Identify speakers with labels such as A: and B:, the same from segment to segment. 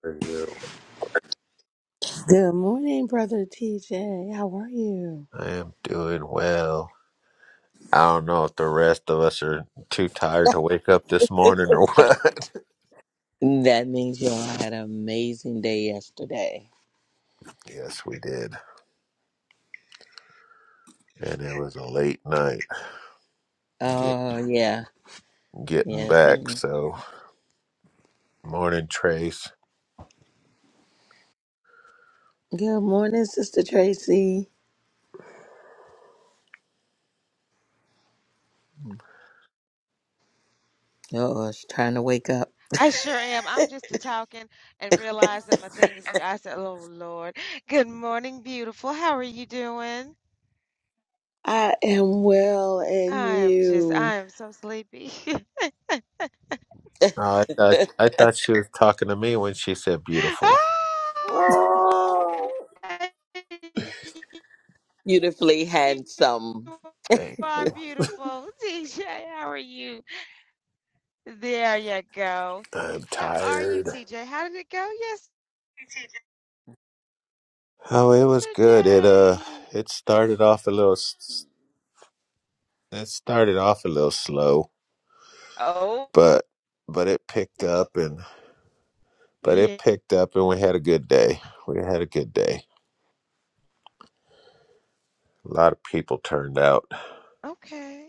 A: for you.
B: Good morning, Brother TJ. How are you?
A: I am doing well. I don't know if the rest of us are too tired to wake up this morning or what.
B: That means y'all had an amazing day yesterday.
A: yes, we did. And it was a late night get,
B: Oh, yeah.
A: getting
B: Yes, I
A: back.
B: know.
A: So, morning, Trace.
B: Good morning, Sister Tracy. Oh, she's trying to wake up.
C: I sure am. I'm just a talking and realize that my thing is mute. I said, "Oh Lord, good morning, beautiful. How are you doing?"
B: I am well, and
C: I am just,
B: you?
C: I am so sleepy.
A: Oh, I, thought, I thought she was talking to me when she said beautiful.
B: oh,
C: Ah,
B: beautifully handsome.
C: you
A: Thank
C: are
A: you.
C: beautiful, TJ. How are you? There you go.
A: I'm
C: How are you,
A: tired.
C: TJ? How did it go
A: Oh, it was good. It uh,
C: yesterday?
A: it started off a little. s- It started off a little slow,
C: Oh,
A: but but it picked up and but it
C: yeah.
A: picked up and we had a good day. We had a good day. A lot of people turned out,
C: Okay.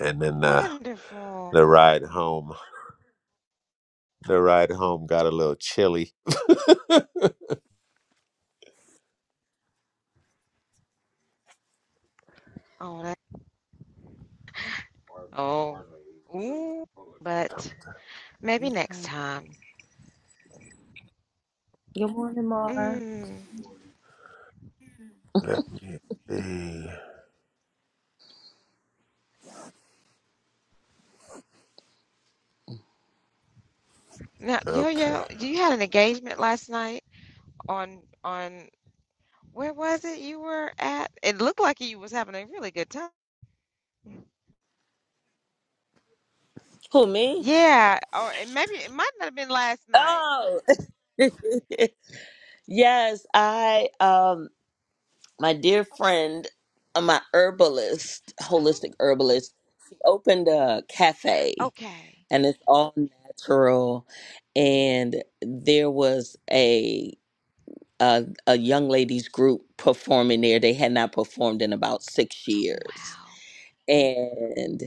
A: and then uh,
C: Wonderful.
A: the ride home. The ride home got a little chilly.
C: Oh, Oh, ooh, but maybe next
B: Okay.
C: time.
B: Good morning, Mara.
C: Mm.
A: Let me see.
C: Now, Yo
A: Okay,
C: Yo, you had an engagement last night on on where was it you were at? It looked like you was having a really good time.
B: Who, me?
C: Yeah, or it maybe it might not have been last night.
B: Oh! yes, I, um. my dear friend, uh, my herbalist,
C: Oh,
B: holistic herbalist, he opened a cafe
C: okay.
B: and it's all natural. And there was a a, a young ladies group performing there. They had not performed in about six years,
C: Wow.
B: and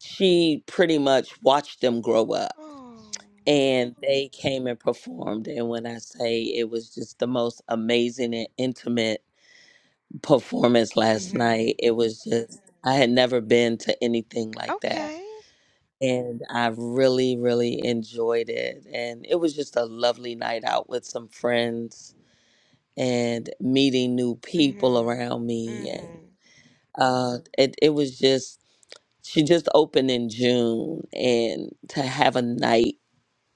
B: she pretty much watched them grow up.
C: Oh.
B: And they came and performed. And when I say it was just the most amazing and intimate performance last
C: Mm-hmm.
B: night. It was just, I had never been to anything like that.
C: Okay.
B: And I really, really enjoyed it. And it was just a lovely night out with some friends and meeting new people around
C: Mm-hmm.
B: me. And
C: Mm-hmm.
B: uh, it, it was just, she just opened in June. And to have a night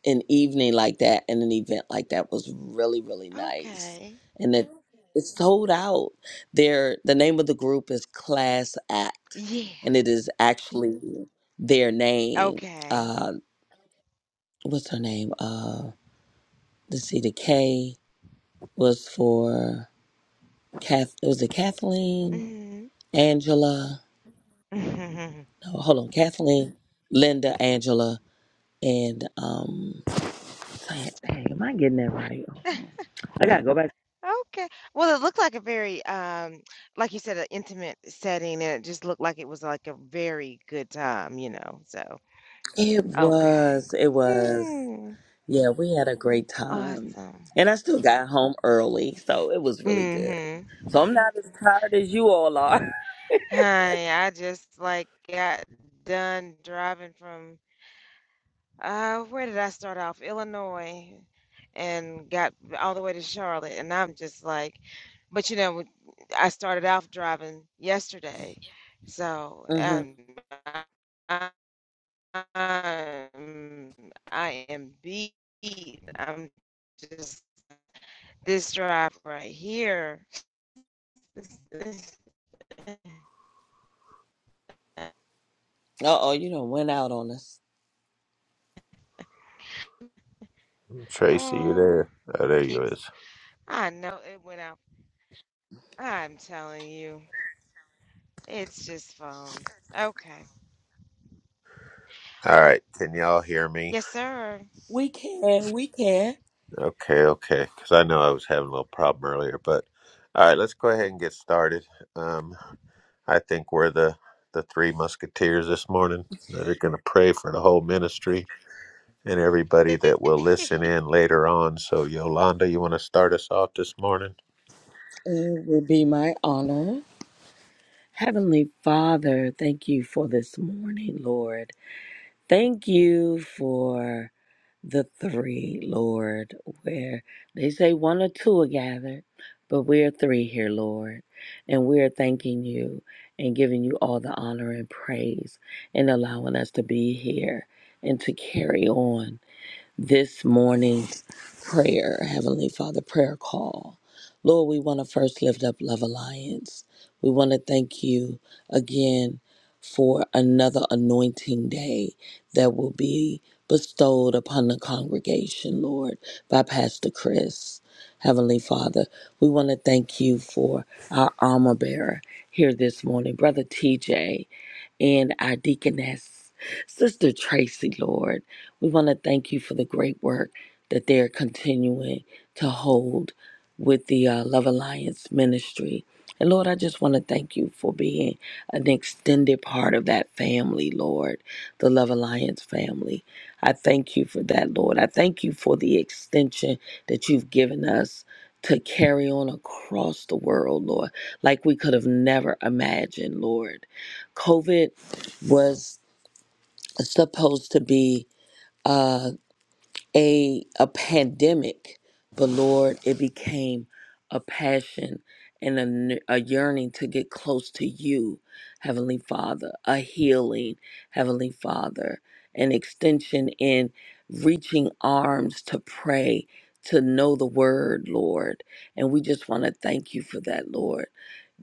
B: an evening like that and an event like that was really really nice
C: Okay.
B: and it it sold out their the name of the group is class act
C: Yeah.
B: and it is actually their name
C: Okay.
B: uh what's her name uh let's see the k was for kath it was it kathleen
C: Mm-hmm.
B: angela no hold on kathleen linda angela and um dang, am i getting that right i gotta go back
C: Okay. Well, it looked like a very, um, like you said, an intimate setting, and it just looked like it was like a very good time, you know. So,
B: it
C: okay.
B: was. It was.
C: Hmm.
B: Yeah, we had a great time.
C: Awesome.
B: And I still got home early, so it was really good.
C: Mm-hmm.
B: So I'm not as tired as you all are.
C: Honey, I just like got done driving from, uh, where did I start off? Illinois, and got all the way to Charlotte, and I'm just like, but you know, with- I started off driving yesterday, so
B: hmm
C: um, I'm, I am beat. I'm just this drive right here. This,
B: Uh oh, you done went out on us.
A: Tracy, you
C: oh,
A: there? Oh,
C: it
A: there you
C: keeps.
A: is.
C: I know it went out. I'm telling you, it's just phone. Okay.
A: All right, can y'all hear me?
C: Yes, sir.
B: We can, we can.
A: Okay, okay. Because I know I was having a little problem earlier, but all right, let's go ahead and get started. Um. I think we're the the three musketeers this morning that are going to pray for the whole ministry and everybody that will listen in later on. So, Yolanda, you want to start us off this morning?
B: It would be my honor. Heavenly Father, thank you for this morning, Lord. Thank you for the three, Lord, where they say one or two are gathered, but we're three here, Lord. And we're thanking you and giving you all the honor and praise and allowing us to be here and to carry on this morning's prayer, Heavenly Father prayer call. Lord, we want to first lift up Love Alliance. We want to thank you again for another anointing day that will be bestowed upon the congregation, Lord, by Pastor Chris. Heavenly Father, we want to thank you for our armor bearer here this morning, Brother TJ and our deaconess, Sister Tracy, Lord. We want to thank you for the great work that they're continuing to hold with the uh, Love Alliance ministry. And Lord, I just want to thank you for being an extended part of that family, Lord, the Love Alliance family. I thank you for that, Lord. I thank you for the extension that you've given us to carry on across the world, Lord, like we could have never imagined, Lord. COVID was supposed to be uh a a pandemic, but Lord, it became a passion and a, n- a yearning to get close to you, Heavenly Father, a healing, Heavenly Father, an extension in reaching arms to pray, to know the word, Lord. And we just want to thank you for that, Lord.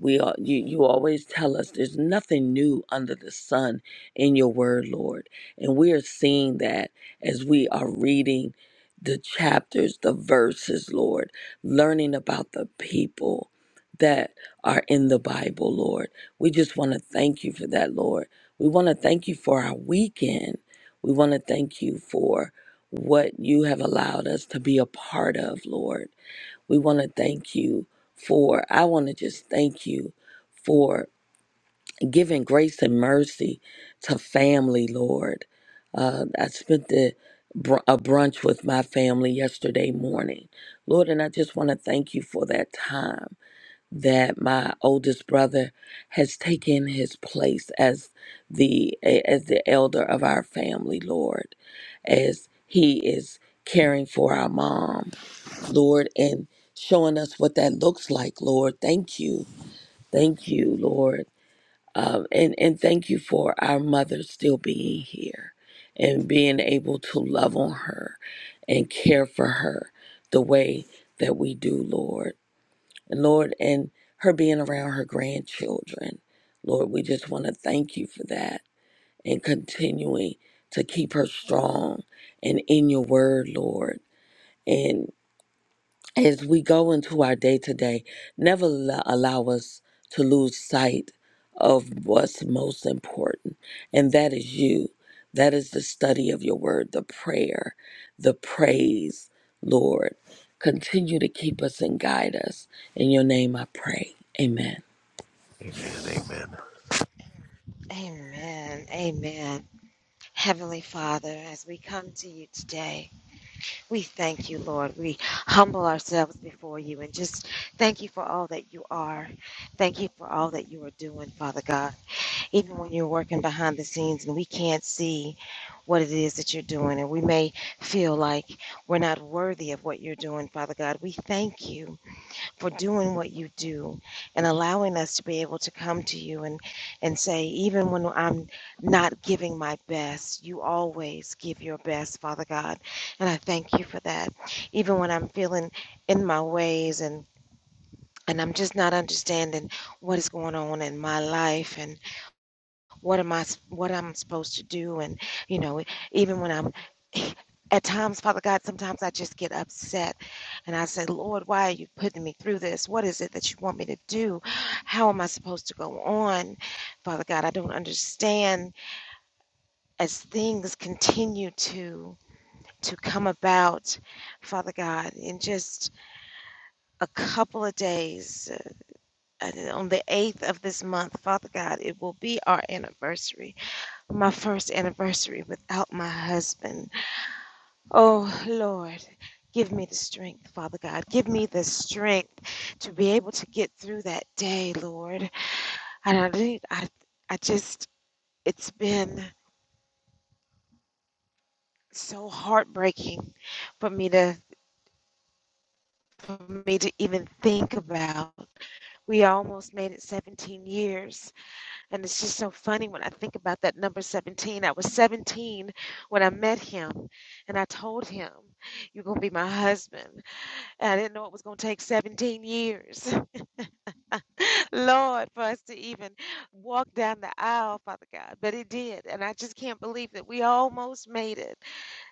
B: We are, you, you always tell us there's nothing new under the sun in your word, Lord. And we are seeing that as we are reading the chapters, the verses, Lord, learning about the people that are in the Bible, Lord. We just want to thank you for that, Lord. We want to thank you for our weekend. We want to thank you for what you have allowed us to be a part of, Lord. We want to thank you for, I want to just thank you. For giving grace and mercy to family, Lord. Uh, I spent the, br- a brunch with my family yesterday morning, Lord, and I just want to thank you for that time that my oldest brother has taken his place as the as the elder of our family, Lord, as he is caring for our mom, Lord, and showing us what that looks like, Lord. Thank you. Thank you, Lord um, and and thank you for our mother still being here and being able to love on her and care for her the way that we do lord and lord and her being around her grandchildren lord we just want to thank you for that and continuing to keep her strong and in your word lord as we go into our day to day, never lo- allow us to lose sight of what's most important, and that is you. That is the study of your word, the prayer, the praise, Lord. Continue to keep us and guide us. In your name I pray. Amen.
A: Amen. Amen.
C: Amen. Amen. Heavenly Father, as we come to you today. We thank you, Lord. We humble ourselves before you and just thank you for all that you are. Thank you for all that you are doing, Father God. Even when you're working behind the scenes and we can't see what it is that you're doing, and we may feel like we're not worthy of what you're doing, Father God, we thank you for doing what you do and allowing us to be able to come to you and and say even when I'm not giving my best you always give your best father god and I thank you for that even when I'm feeling in my ways and and I'm just not understanding what is going on in my life. And what am I? what I'm supposed to do and you know even when I'm at times Father God sometimes I just get upset and I say Lord why are you putting me through this what is it that you want me to do how am I supposed to go on Father God I don't understand as things continue to to come about Father God in just a couple of days uh, on the 8th of this month Father God it will be our anniversary my first anniversary without my husband. Oh, Lord, give me the strength, Father God. Give me the strength to be able to get through that day, Lord. And I think I, I just, it's been so heartbreaking for me to for me to even think about. We almost made it 17 years And it's just so funny when I think about that number 17. I was 17 when I met him, and I told him, You're going to be my husband. And I didn't know it was going to take 17 years, Lord, for us to even walk down the aisle, Father God. But it did. And I just can't believe that we almost made it.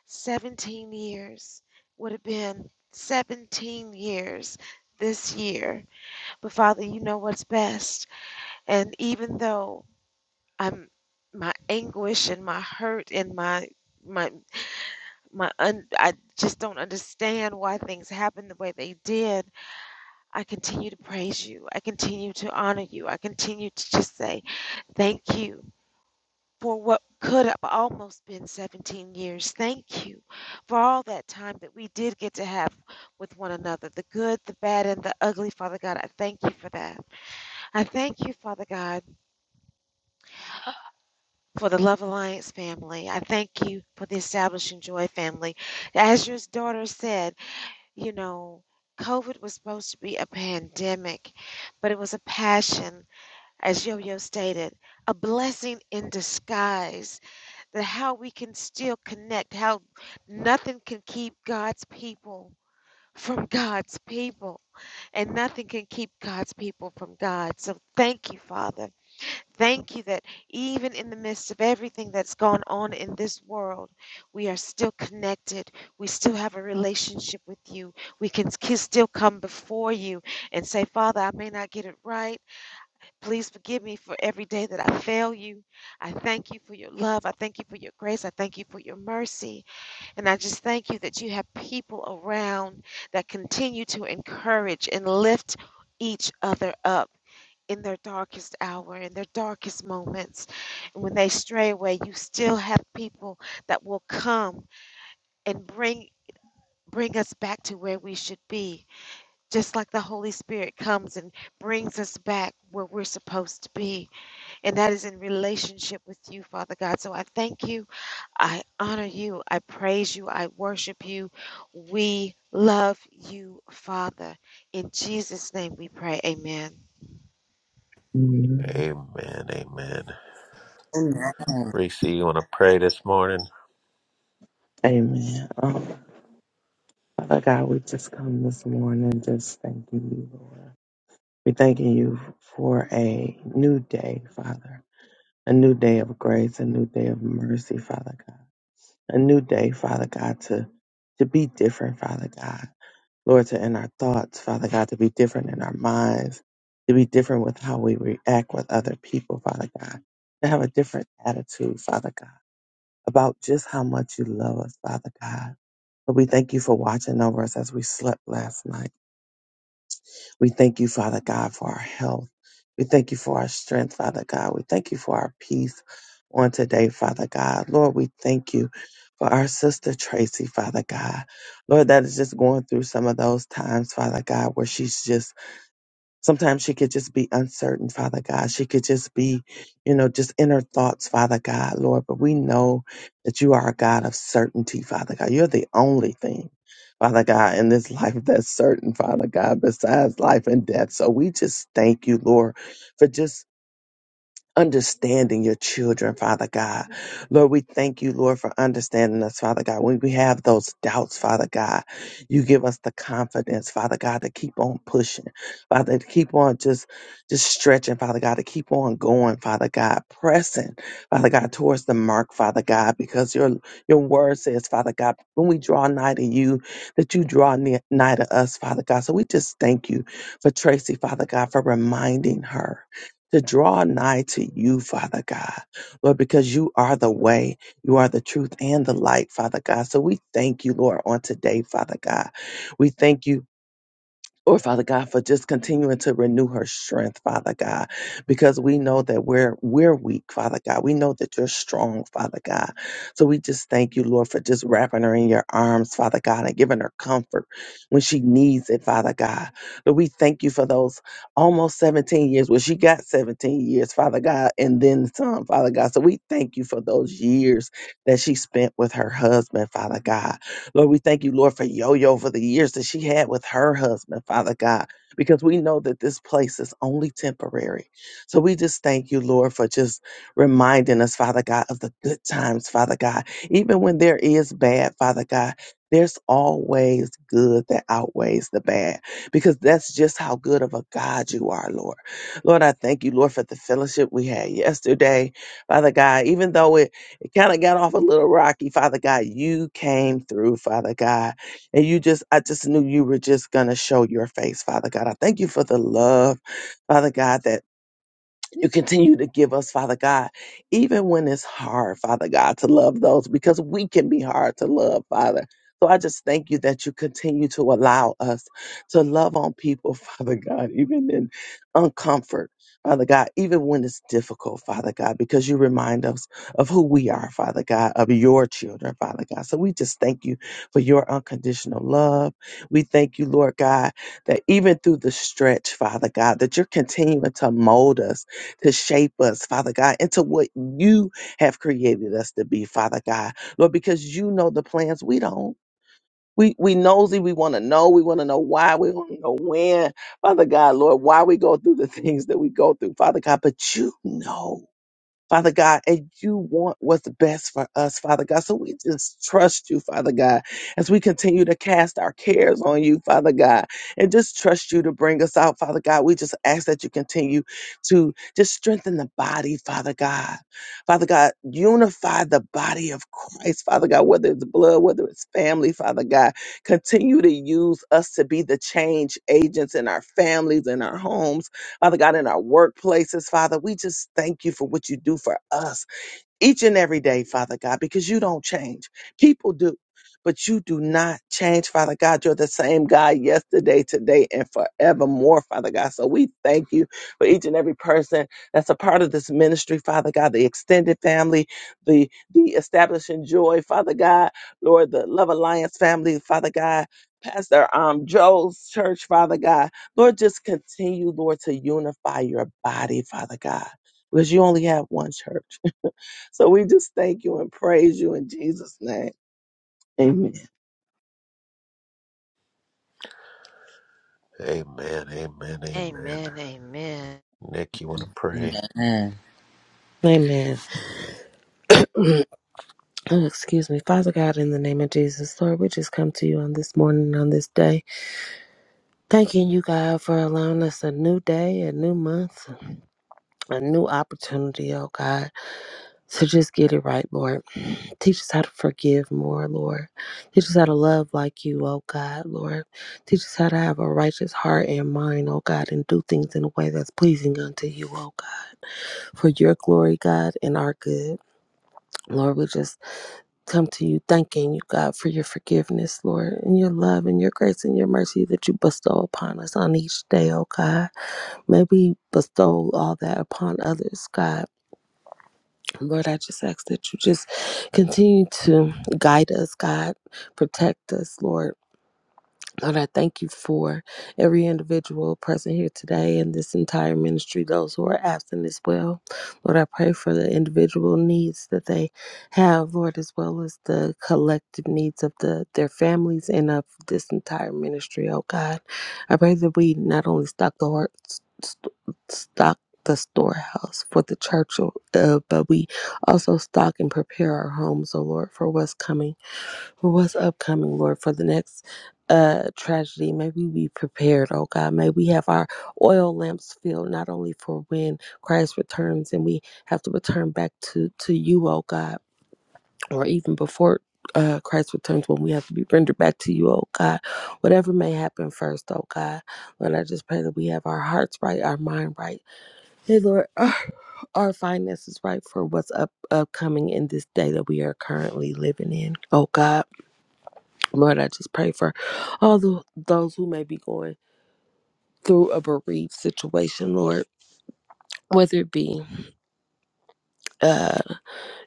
C: 17 years would have been 17 years this year. But Father, you know what's best. And even though I'm my anguish and my hurt and my my my un, I just don't understand why things happened the way they did. I continue to praise you. I continue to honor you. I continue to just say thank you for what could have almost been 17 years. Thank you for all that time that we did get to have with one another, the good, the bad and the ugly, Father God. I thank you for that. I thank you, Father God for the Love Alliance family. I thank you for the Establishing Joy family. As your daughter said, you know, COVID was supposed to be a pandemic, but it was a passion, as Yo Yo stated, a blessing in disguise. That how we can still connect, how nothing can keep God's people from God's people, and nothing can keep God's people from God. So thank you, Father Thank you that even in the midst of everything that's gone on in this world, we are still connected. We still have a relationship with you. We can k- still come before you and say, Father, I may not get it right. Please forgive me for every day that I fail you. I thank you for your love. I thank you for your grace. I thank you for your mercy. And I just thank you that you have people around that continue to encourage and lift each other up in their darkest hour, in their darkest moments. And when they stray away, you still have people that will come and bring bring us back to where we should be. Just like the Holy Spirit comes and brings us back where we're supposed to be. And that is in relationship with you, Father God. So I thank you. I honor you. I praise you. I worship you. We love you, Father. In Jesus' name we pray. Amen.
D: Mhm.
A: Amen. Amen.
B: Amen.
A: Reese, you want to pray this morning?
D: Amen. Um, Father God, we just come this morning just thanking you, Lord. we thanking you for a new day, Father. A new day of grace, a new day of mercy, Father God. A new day, Father God, to to be different, Father God. Lord, to in our thoughts, Father God, to be different in our minds, to be different with how we react with other people, Father God. To have a different attitude, Father God, about just how much you love us, Father God Lord, we thank you for watching over us as we slept last night. We thank you, Father God, for our health. We thank you for our strength, Father God. We thank you for our peace on today, Father God. Lord, we thank you for our sister Tracy, Father God. Lord, that is just going through some of those times, Father God, where she's just Sometimes she could just be uncertain, Father God. She could just be, you know, just in her thoughts, Father God, Lord. But we know that you are a God of certainty, Father God. You're the only thing, Father God, in this life that's certain, Father God, besides life and death. So we just thank you, Lord, for just understanding your children, Father God. Lord, we thank you, Lord, for understanding us, Father God. When we have those doubts, Father God, you give us the confidence, Father God, to keep on pushing, Father, to keep on just just stretching, Father God, to keep on going, Father God, pressing, Father God, towards the mark, Father God, because your your word says, Father God, when we draw nigh to you, that you draw near, nigh to us, Father God. So we just thank you for Tracy, Father God, for reminding her to draw nigh to you, Father God, Lord, because you are the way, you are the truth and the light, Father God. So we thank you, Lord, on today, Father God. We thank you or Father God, for just continuing to renew her strength, Father God, because we know that we're we're weak, Father God. We know that you're strong, Father God. So we just thank you, Lord, for just wrapping her in your arms, Father God, and giving her comfort when she needs it, Father God. But we thank you for those almost 17 years. Well, she got 17 years, Father God, and then some, Father God. So we thank you for those years that she spent with her husband, Father God. Lord, we thank you, Lord, for Yo Yo for the years that she had with her husband, Father God, because we know that this place is only temporary. So we just thank you, Lord, for just reminding us, Father God, of the good times, Father God. Even when there is bad, Father God, there's always good that outweighs the bad because that's just how good of a God you are, Lord. Lord, I thank you, Lord, for the fellowship we had yesterday, Father God, even though it it kind of got off a little rocky. Father God, you came through, Father God. And you just, I just knew you were just going to show your face, Father God. I thank you for the love, Father God, that you continue to give us, Father God, even when it's hard, Father God, to love those because we can be hard to love, Father. So I just thank you that you continue to allow us to love on people, Father God, even in uncomfort, Father God, even when it's difficult, Father God, because you remind us of who we are, Father God, of your children, Father God. So we just thank you for your unconditional love. We thank you, Lord God, that even through the stretch, Father God, that you're continuing to mold us to shape us, Father God, into what you have created us to be, Father God. Lord, because you know the plans we don't. We, we nosy, we want to know, we want to know why, we want to know when, Father God, Lord, why we go through the things that we go through, Father God, but you know. Father God, and you want what's best for us, Father God. So we just trust you, Father God, as we continue to cast our cares on you, Father God, and just trust you to bring us out, Father God. We just ask that you continue to just strengthen the body, Father God. Father God, unify the body of Christ, Father God, whether it's blood, whether it's family, Father God. Continue to use us to be the change agents in our families, in our homes Father God, in our workplaces, Father, we just thank you for what you do for us each and every day, Father God, because you don't change. People do, but you do not change, Father God. You're the same God yesterday, today, and forevermore, Father God. So we thank you for each and every person that's a part of this ministry, Father God, the extended family, the the establishing joy, Father God, Lord, the Love Alliance family, Father God. Pastor um, Joe's church, Father God. Lord, just continue, Lord, to unify your body, Father God, because you only have one church. So we just thank you and praise you in Jesus' name. Amen.
A: Amen. Amen. Amen.
C: Amen. Amen.
A: Nick, you want to pray?
E: Amen. Oh, excuse me. Father God, in the name of Jesus, Lord, we just come to you on this morning, on this day, thanking you, God, for allowing us a new day, a new month, a new opportunity, oh God, to just get it right, Lord. Teach us how to forgive more, Lord. Teach us how to love like you, oh God, Lord. Teach us how to have a righteous heart and mind, oh God, and do things in a way that's pleasing unto you, oh God, for your glory, God, and our good. Lord, we just come to you thanking you, God, for your forgiveness, Lord, and your love and your grace and your mercy that you bestow upon us on each day, oh God. May we bestow all that upon others, God. Lord, I just ask that you just continue to guide us, God, protect us, Lord Lord, I thank you for every individual present here today and this entire ministry, those who are absent as well. Lord, I pray for the individual needs that they have, Lord, as well as the collective needs of the their families and of this entire ministry, oh God. I pray that we not only stock the heart, st- stock the storehouse for the church, oh, uh, but we also stock and prepare our homes, oh Lord, for what's coming for what's upcoming, Lord, for the next uh tragedy. May we be prepared, oh God. May we have our oil lamps filled not only for when Christ returns and we have to return back to to you, oh God, or even before uh, Christ returns when we have to be rendered back to you, oh God. Whatever may happen first, oh God. Lord, I just pray that we have our hearts right, our mind right. Hey, Lord, our our finances right for what's up upcoming in this day that we are currently living in, oh God. Lord, I just pray for all the, those who may be going through a bereaved situation, Lord, whether it be uh,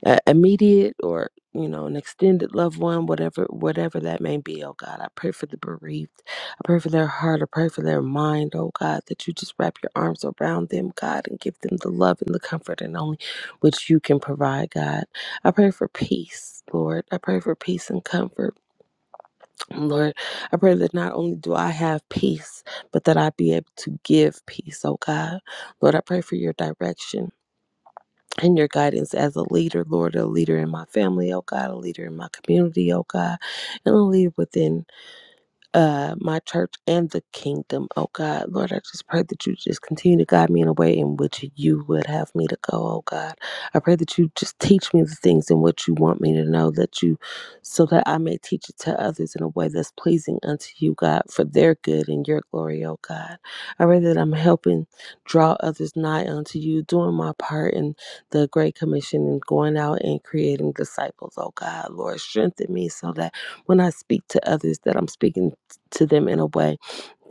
E: a- immediate or you know an extended loved one, whatever whatever that may be. Oh God, I pray for the bereaved. I pray for their heart. I pray for their mind. Oh God, that you just wrap your arms around them, God, and give them the love and the comfort and only which you can provide, God. I pray for peace, Lord. I pray for peace and comfort. Lord, I pray that not only do I have peace, but that I be able to give peace, oh God. Lord, I pray for your direction and your guidance as a leader, Lord, a leader in my family, oh God, a leader in my community, oh God, and a leader within uh, my church and the kingdom. Oh God, Lord, I just pray that you just continue to guide me in a way in which you would have me to go. Oh God, I pray that you just teach me the things in which you want me to know that you, so that I may teach it to others in a way that's pleasing unto you, God, for their good and your glory. Oh God, I pray that I'm helping draw others nigh unto you, doing my part in the Great Commission and going out and creating disciples. Oh God, Lord, strengthen me so that when I speak to others that I'm speaking to them in a way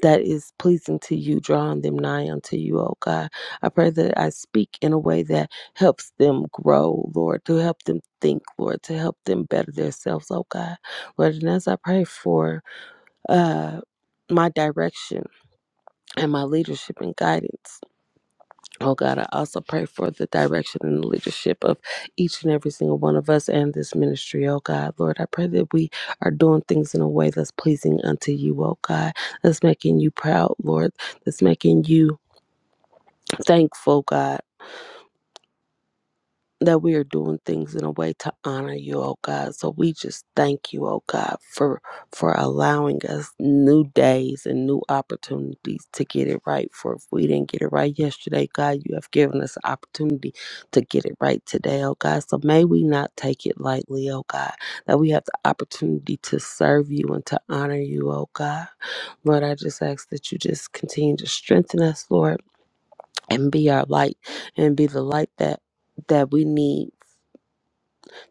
E: that is pleasing to you, drawing them nigh unto you, oh God. I pray that I speak in a way that helps them grow, Lord, to help them think, Lord, to help them better themselves, oh God. Lord, and as I pray for uh my direction and my leadership and guidance. Oh God, I also pray for the direction and the leadership of each and every single one of us and this ministry, oh God. Lord, I pray that we are doing things in a way that's pleasing unto you, oh God. That's making you proud, Lord. That's making you thankful, God. that we are doing things in a way to honor you, oh God. So we just thank you, oh God, for for allowing us new days and new opportunities to get it right. For if we didn't get it right yesterday, God, you have given us an opportunity to get it right today, oh God. So may we not take it lightly, oh God, that we have the opportunity to serve you and to honor you, oh God. Lord, I just ask that you just continue to strengthen us, Lord, and be our light and be the light that that we need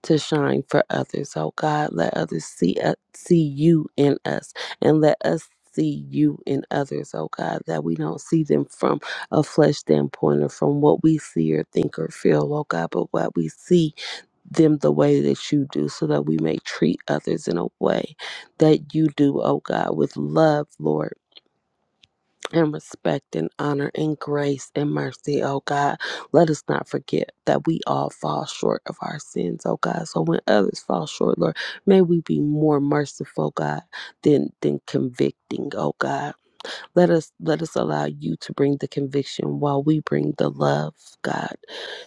E: to shine for others. Oh God, let others see u- see you in us and let us see you in others, oh God, that we don't see them from a flesh standpoint or from what we see or think or feel, oh God, but what we see them the way that you do so that we may treat others in a way that you do, oh God, with love, Lord and respect and honor and grace and mercy, oh God. Let us not forget that we all fall short of our sins, oh God. So when others fall short, Lord, may we be more merciful, God, than than convicting, oh God. Let us let us allow you to bring the conviction while we bring the love, God.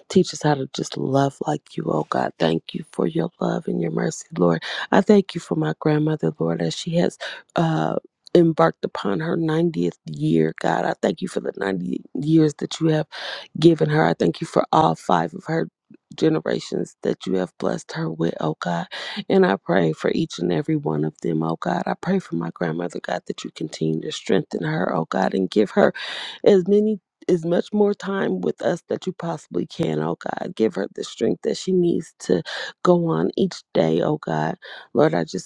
E: Teach us how to just love like you, oh God. Thank you for your love and your mercy, Lord. I thank you for my grandmother, Lord, as she has uh embarked upon her 90th year, God. I thank you for the 90 years that you have given her. I thank you for all five of her generations that you have blessed her with, oh God. And I pray for each and every one of them, oh God. I pray for my grandmother, God, that you continue to strengthen her, oh God, and give her as many as much more time with us that you possibly can, oh God. Give her the strength that she needs to go on each day, oh God. Lord, I just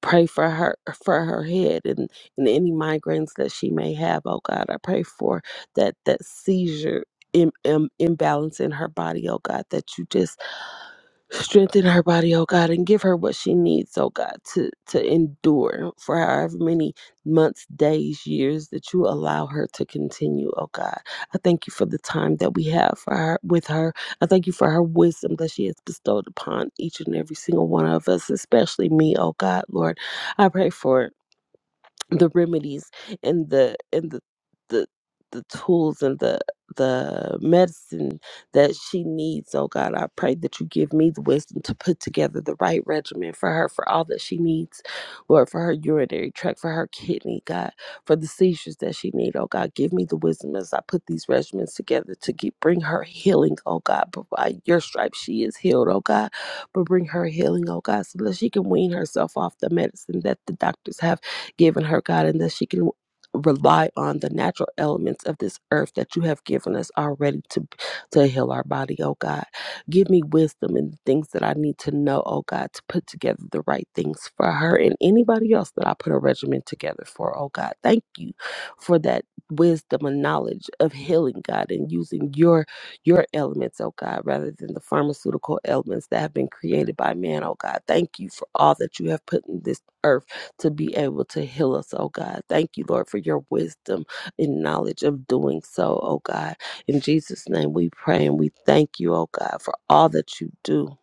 E: pray for her for her head and, and any migraines that she may have oh god i pray for that that seizure Im, im, imbalance in her body oh god that you just Strengthen her body, oh God, and give her what she needs, oh God, to, to endure for however many months, days, years that you allow her to continue, oh God. I thank you for the time that we have for her with her. I thank you for her wisdom that she has bestowed upon each and every single one of us, especially me, oh God, Lord. I pray for the remedies and the and the the the tools and the the medicine that she needs. Oh God, I pray that you give me the wisdom to put together the right regimen for her for all that she needs. Lord, for her urinary tract, for her kidney, God, for the seizures that she needs. Oh God, give me the wisdom as I put these regimens together to get, bring her healing. Oh God, but by your stripes she is healed. Oh God, but bring her healing. Oh God, so that she can wean herself off the medicine that the doctors have given her, God, and that she can rely on the natural elements of this earth that you have given us already to to heal our body, oh God. Give me wisdom and things that I need to know, oh God, to put together the right things for her and anybody else that I put a regimen together for, oh God. Thank you for that wisdom and knowledge of healing, God, and using your your elements, oh God, rather than the pharmaceutical elements that have been created by man, oh God. Thank you for all that you have put in this earth to be able to heal us, oh God. Thank you, Lord, for your wisdom and knowledge of doing so, oh God. In Jesus' name we pray and we thank you, oh God, for all that you do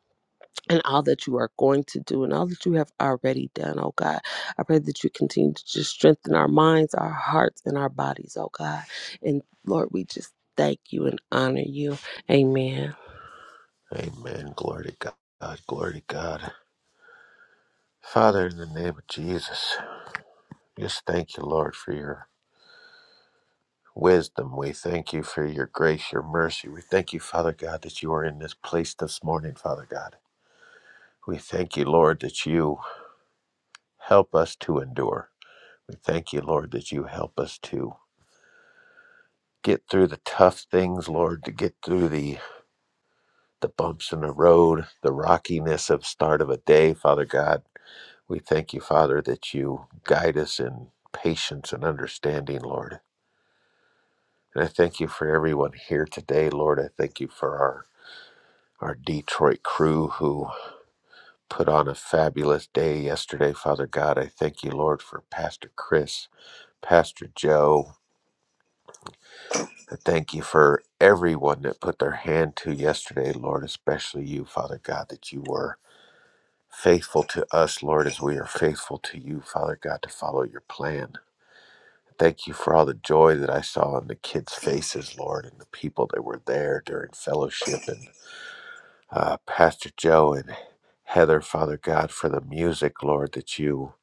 E: and all that you are going to do and all that you have already done, oh God. I pray that you continue to just strengthen our minds, our hearts, and our bodies, oh God. And Lord, we just thank you and honor you. Amen.
A: Amen. Glory to God. Glory to God. Father, in the name of Jesus, just thank you, Lord, for your wisdom. We thank you for your grace, your mercy. We thank you, Father God, that you are in this place this morning, Father God. We thank you, Lord, that you help us to endure. We thank you, Lord, that you help us to get through the tough things, Lord, to get through the the bumps in the road, the rockiness of start of a day, Father God. We thank you, Father, that you guide us in patience and understanding, Lord. And I thank you for everyone here today, Lord. I thank you for our our Detroit crew who put on a fabulous day yesterday. Father God, I thank you, Lord, for Pastor Chris, Pastor Joe. I thank you for everyone that put their hand to yesterday, Lord, especially you, Father God, that you were faithful to us, Lord, as we are faithful to you, Father God, to follow your plan. Thank you for all the joy that I saw on the kids' faces, Lord, and the people that were there during fellowship and. uh, Pastor Joe and Heather, Father God, for the music, Lord, that you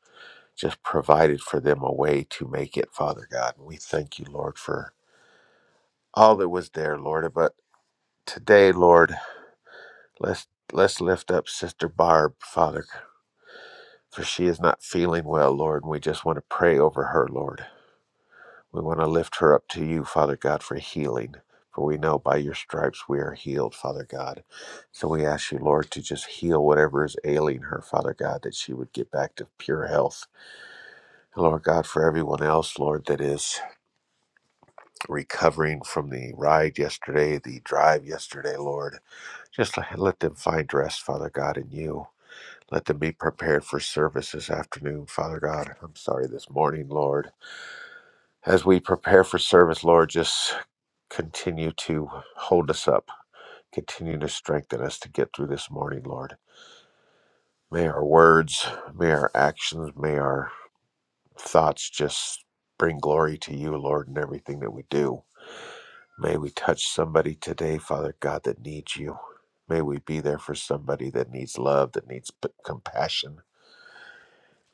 A: just provided for them a way to make it, Father God. And we thank you, Lord, for all that was there, Lord. But today, Lord, let's let's lift up Sister Barb, Father, for she is not feeling well, Lord, and we just want to pray over her, Lord. We want to lift her up to you, Father God, for healing. For we know by your stripes we are healed, Father God. So we ask you, Lord, to just heal whatever is ailing her, Father God, that she would get back to pure health. And Lord God, for everyone else, Lord, that is recovering from the ride yesterday, the drive yesterday, Lord, just let them find rest, Father God, in you. Let them be prepared for service this afternoon, Father God. I'm sorry, this morning, Lord as we prepare for service, Lord, just continue to hold us up, continue to strengthen us to get through this morning, Lord. May our words, may our actions, may our thoughts just bring glory to you, Lord, in everything that we do. May we touch somebody today, Father God, that needs you. May we be there for somebody that needs love, that needs p- compassion.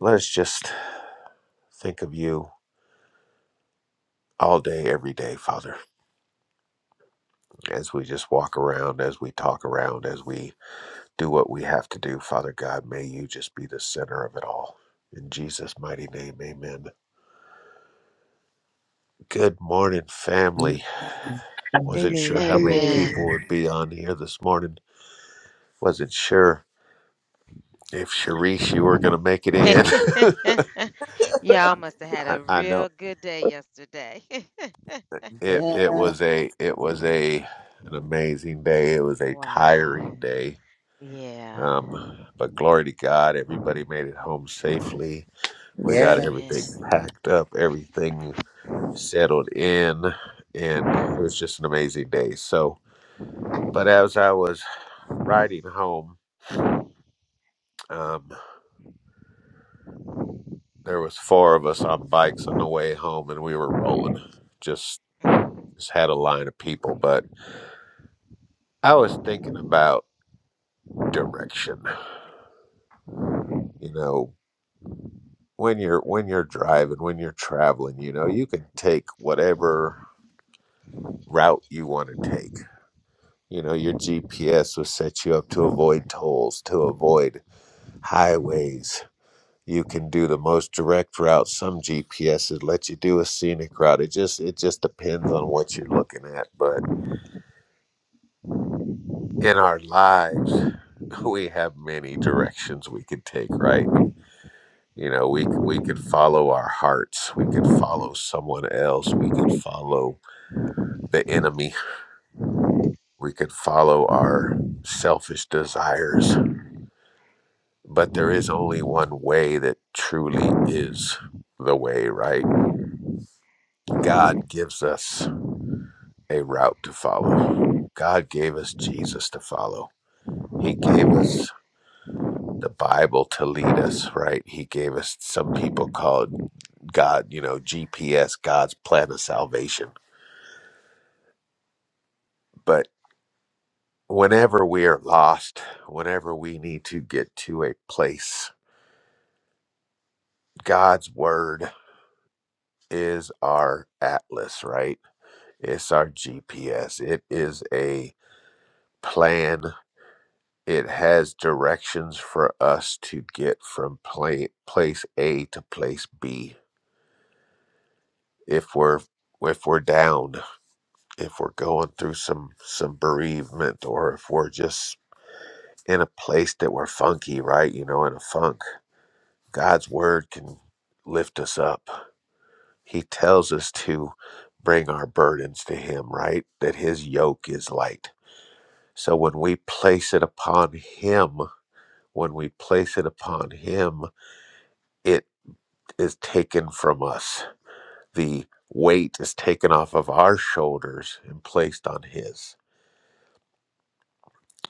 A: Let us just think of you all day, every day, Father, as we just walk around, as we talk around, as we do what we have to do. Father God, may you just be the center of it all. In Jesus' mighty name, amen. Good morning,
B: Mhm.
A: family. Wasn't
E: Amen.
A: sure how
E: Good
A: many
E: morning.
A: people
C: Amen.
A: would be on here this morning. Wasn't sure if Sharice, you were going to make it in.
C: Y'all must have had
A: I,
C: a
A: I know
C: real good day yesterday.
A: it,
B: Yeah.
A: it was a, it was a, an amazing day. It was a
C: wow.
A: tiring day.
C: Yeah.
A: Um, but glory to God, everybody made it home safely. We got
B: Yeah.
A: everything
C: Amen.
A: packed up, everything settled in and it was just an amazing day so but as i was riding home um there was four of us on bikes on the way home and we were rolling just just had a line of people but i was thinking about direction you know when you're when you're driving when you're traveling you know you can take whatever route you want to take you know your gps will set you up to avoid tolls to avoid highways You can do the most direct route. Some GPSes let you do a scenic route. It just it just depends on what you're looking at. But in our lives, we have many directions we could take, right? You know, we c- we could follow our hearts. We could follow someone else. We could follow the enemy. We could follow our selfish desires. But there is only one way that truly is the way, right? God gives us a route to follow. God gave us Jesus to follow. He gave us the Bible to lead us, right? He gave us some people called God, you know, GPS, God's plan of salvation. But whenever we are lost, whenever we need to get to a place, God's word is our atlas, right? It's our GPS. It is a plan It has directions for us to get from pla place A to place B if we're if we're down, if we're going through some some bereavement or if we're just in a place that we're funky, right? You know, in a funk. God's word can lift us up. He tells us to bring our burdens to him, right? That his yoke is light. So when we place it upon him, when we place it upon him, it. is taken from us. The weight is taken off of our shoulders and placed on his.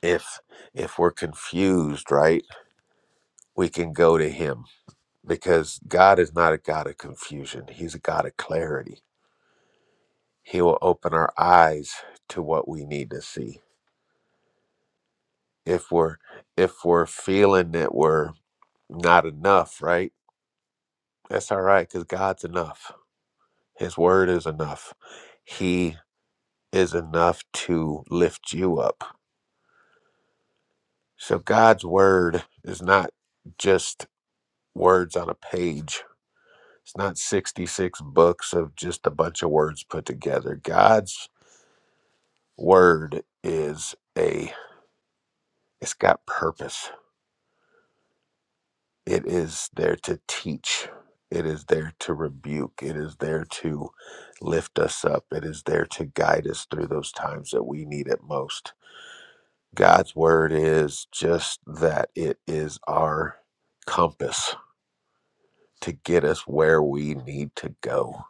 A: If if we're confused, right, we can go to him because God is not a God of confusion. He's a God of clarity. He will open our eyes to what we need to see. If we're if we're feeling that we're not enough, right? That's all right cuz God's enough. His word is enough. He is enough to lift you up So God's word is not just words on a page. It's not 66 books of just a bunch of words put together. God's word is a it's got purpose. It is there to teach. It is there to rebuke. It is there to lift us up. It is there to guide us through those times that we need it most. God's word is just that it is our compass to get us where we need to go.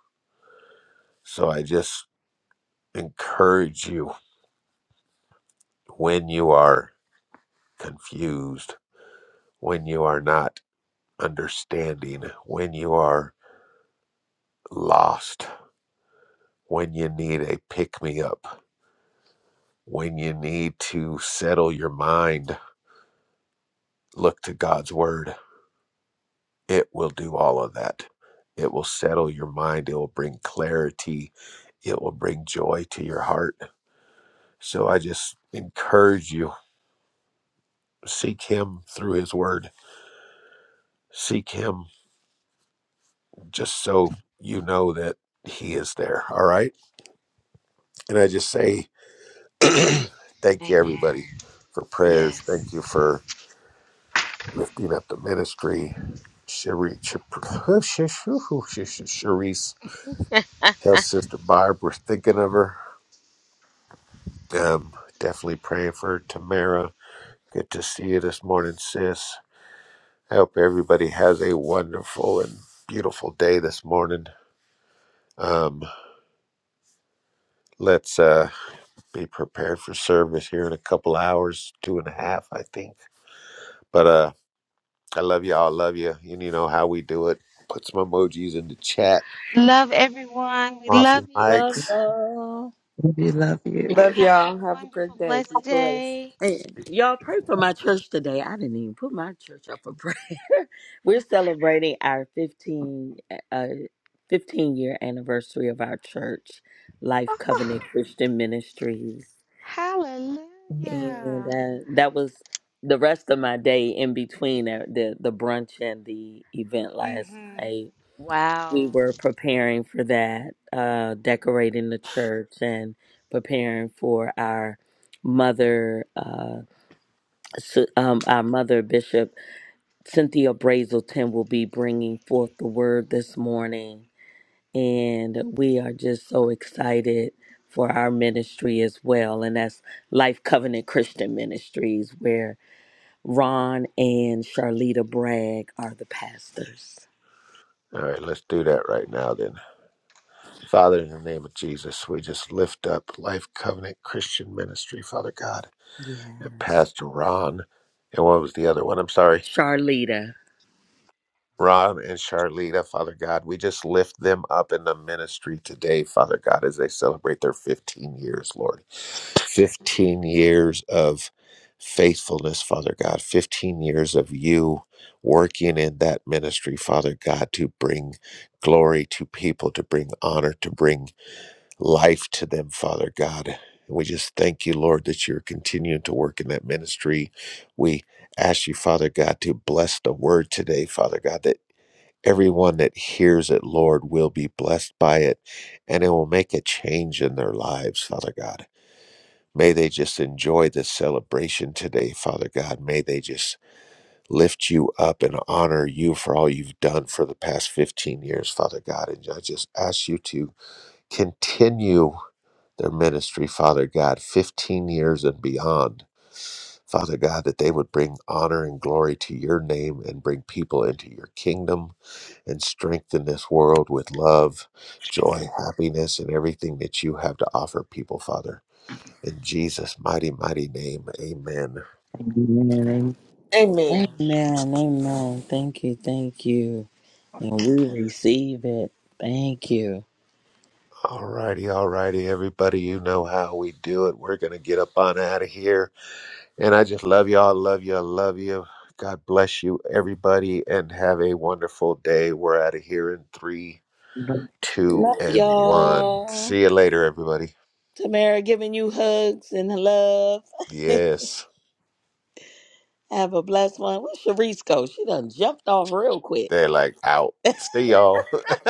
A: So I just encourage you when you are confused, when you are not understanding, when you are lost, when you need a pick me up, when you need to settle your mind, look to God's word. It will do all of that. It will settle your mind, it will bring clarity, it will bring joy to your heart. So I just encourage you Seek Him through His Word. Seek Him just so you know that He is there. All right. And I just say, thank you,
C: Amen.
A: everybody, for prayers.
C: Yes.
A: Thank you for lifting up the ministry. Cherie- Cher- Cherise, tell Sister Barb we're thinking of her. Um, definitely praying for her. Tamara. Good to see you this morning, sis. I hope everybody has a wonderful and beautiful day this morning. Um, let's. Uh, be prepared for service here in a couple hours, two and a half, I think. But uh, I love y'all. Love you. And you know how we do it. Put some emojis in the chat.
C: Love everyone. We
A: Off
C: love
A: your
C: you.
B: Love,
A: mics.
B: all
D: We love you.
C: Y'all
E: Love
C: have
E: y'all. Have a
C: a wonderful,
E: Good day. Be
C: blessed
E: blessed.
C: day.
B: Hey, y'all pray for my church today. I didn't even put my church up for prayer. We're celebrating our 15 uh 15 year anniversary of our church, Life Covenant
C: Oh,
B: Christian Ministries. And
C: hallelujah.
B: uh, that was the rest of my day in between uh, the the brunch and the event last
C: Mm-hmm.
B: night. We
C: Wow.
B: were preparing for that, uh decorating the church and preparing for our mother uh, Su- um, our mother, Bishop Cynthia Brazelton, will be bringing forth the word this morning. And we are just so excited for our ministry as well. And that's Life Covenant Christian Ministries, where Ron and Charlita Bragg are the pastors.
A: All right, let's do that right
C: All
A: now then. Father, in the name of Jesus, we just lift up Life Covenant Christian Ministry, Father God, and
B: Yes.
A: Pastor Ron. And what was the other one? I'm sorry.
B: Charlita.
A: Ron and Charlita, Father God, we just lift them up in the ministry today, Father God, as they celebrate their 15 years, Lord. 15 years of faithfulness, Father God, 15 years of you working in that ministry, Father God, to bring glory to people, to bring honor, to bring life to them, Father God. And we just thank you, Lord, that you're continuing to work in that ministry. We ask you, Father God, to bless the word today, Father God, that Everyone that hears it, Lord, will be blessed by it, and it will make a change in their lives, Father God. May they just enjoy this celebration today, Father God. May they just lift you up and honor you for all you've done for the past 15 years, Father God. And I just ask you to continue their ministry, Father God, 15 years and beyond. Father God, that they would bring honor and glory to your name and bring people into your kingdom and strengthen this world with love, joy, happiness, and everything that you have to offer people, Father. In Jesus' mighty, mighty name, amen.
D: Amen.
E: Amen.
B: Amen. Amen. Thank you. Thank you. And we receive it. Thank you.
A: All righty, all righty, everybody. You know how we do it. We're going to get up on out of here. And I just love y'all. Love you. I love you. God bless you, everybody, and have a wonderful day. We're out of here in three,
D: Amen.
A: two,
B: Love
A: and one.
B: y'all.
A: See you later, everybody.
B: Tamara giving you hugs and love.
A: Yes,
B: Have a blessed one. Where's Sharice go? She done jumped off real quick.
A: they're like out. See y'all.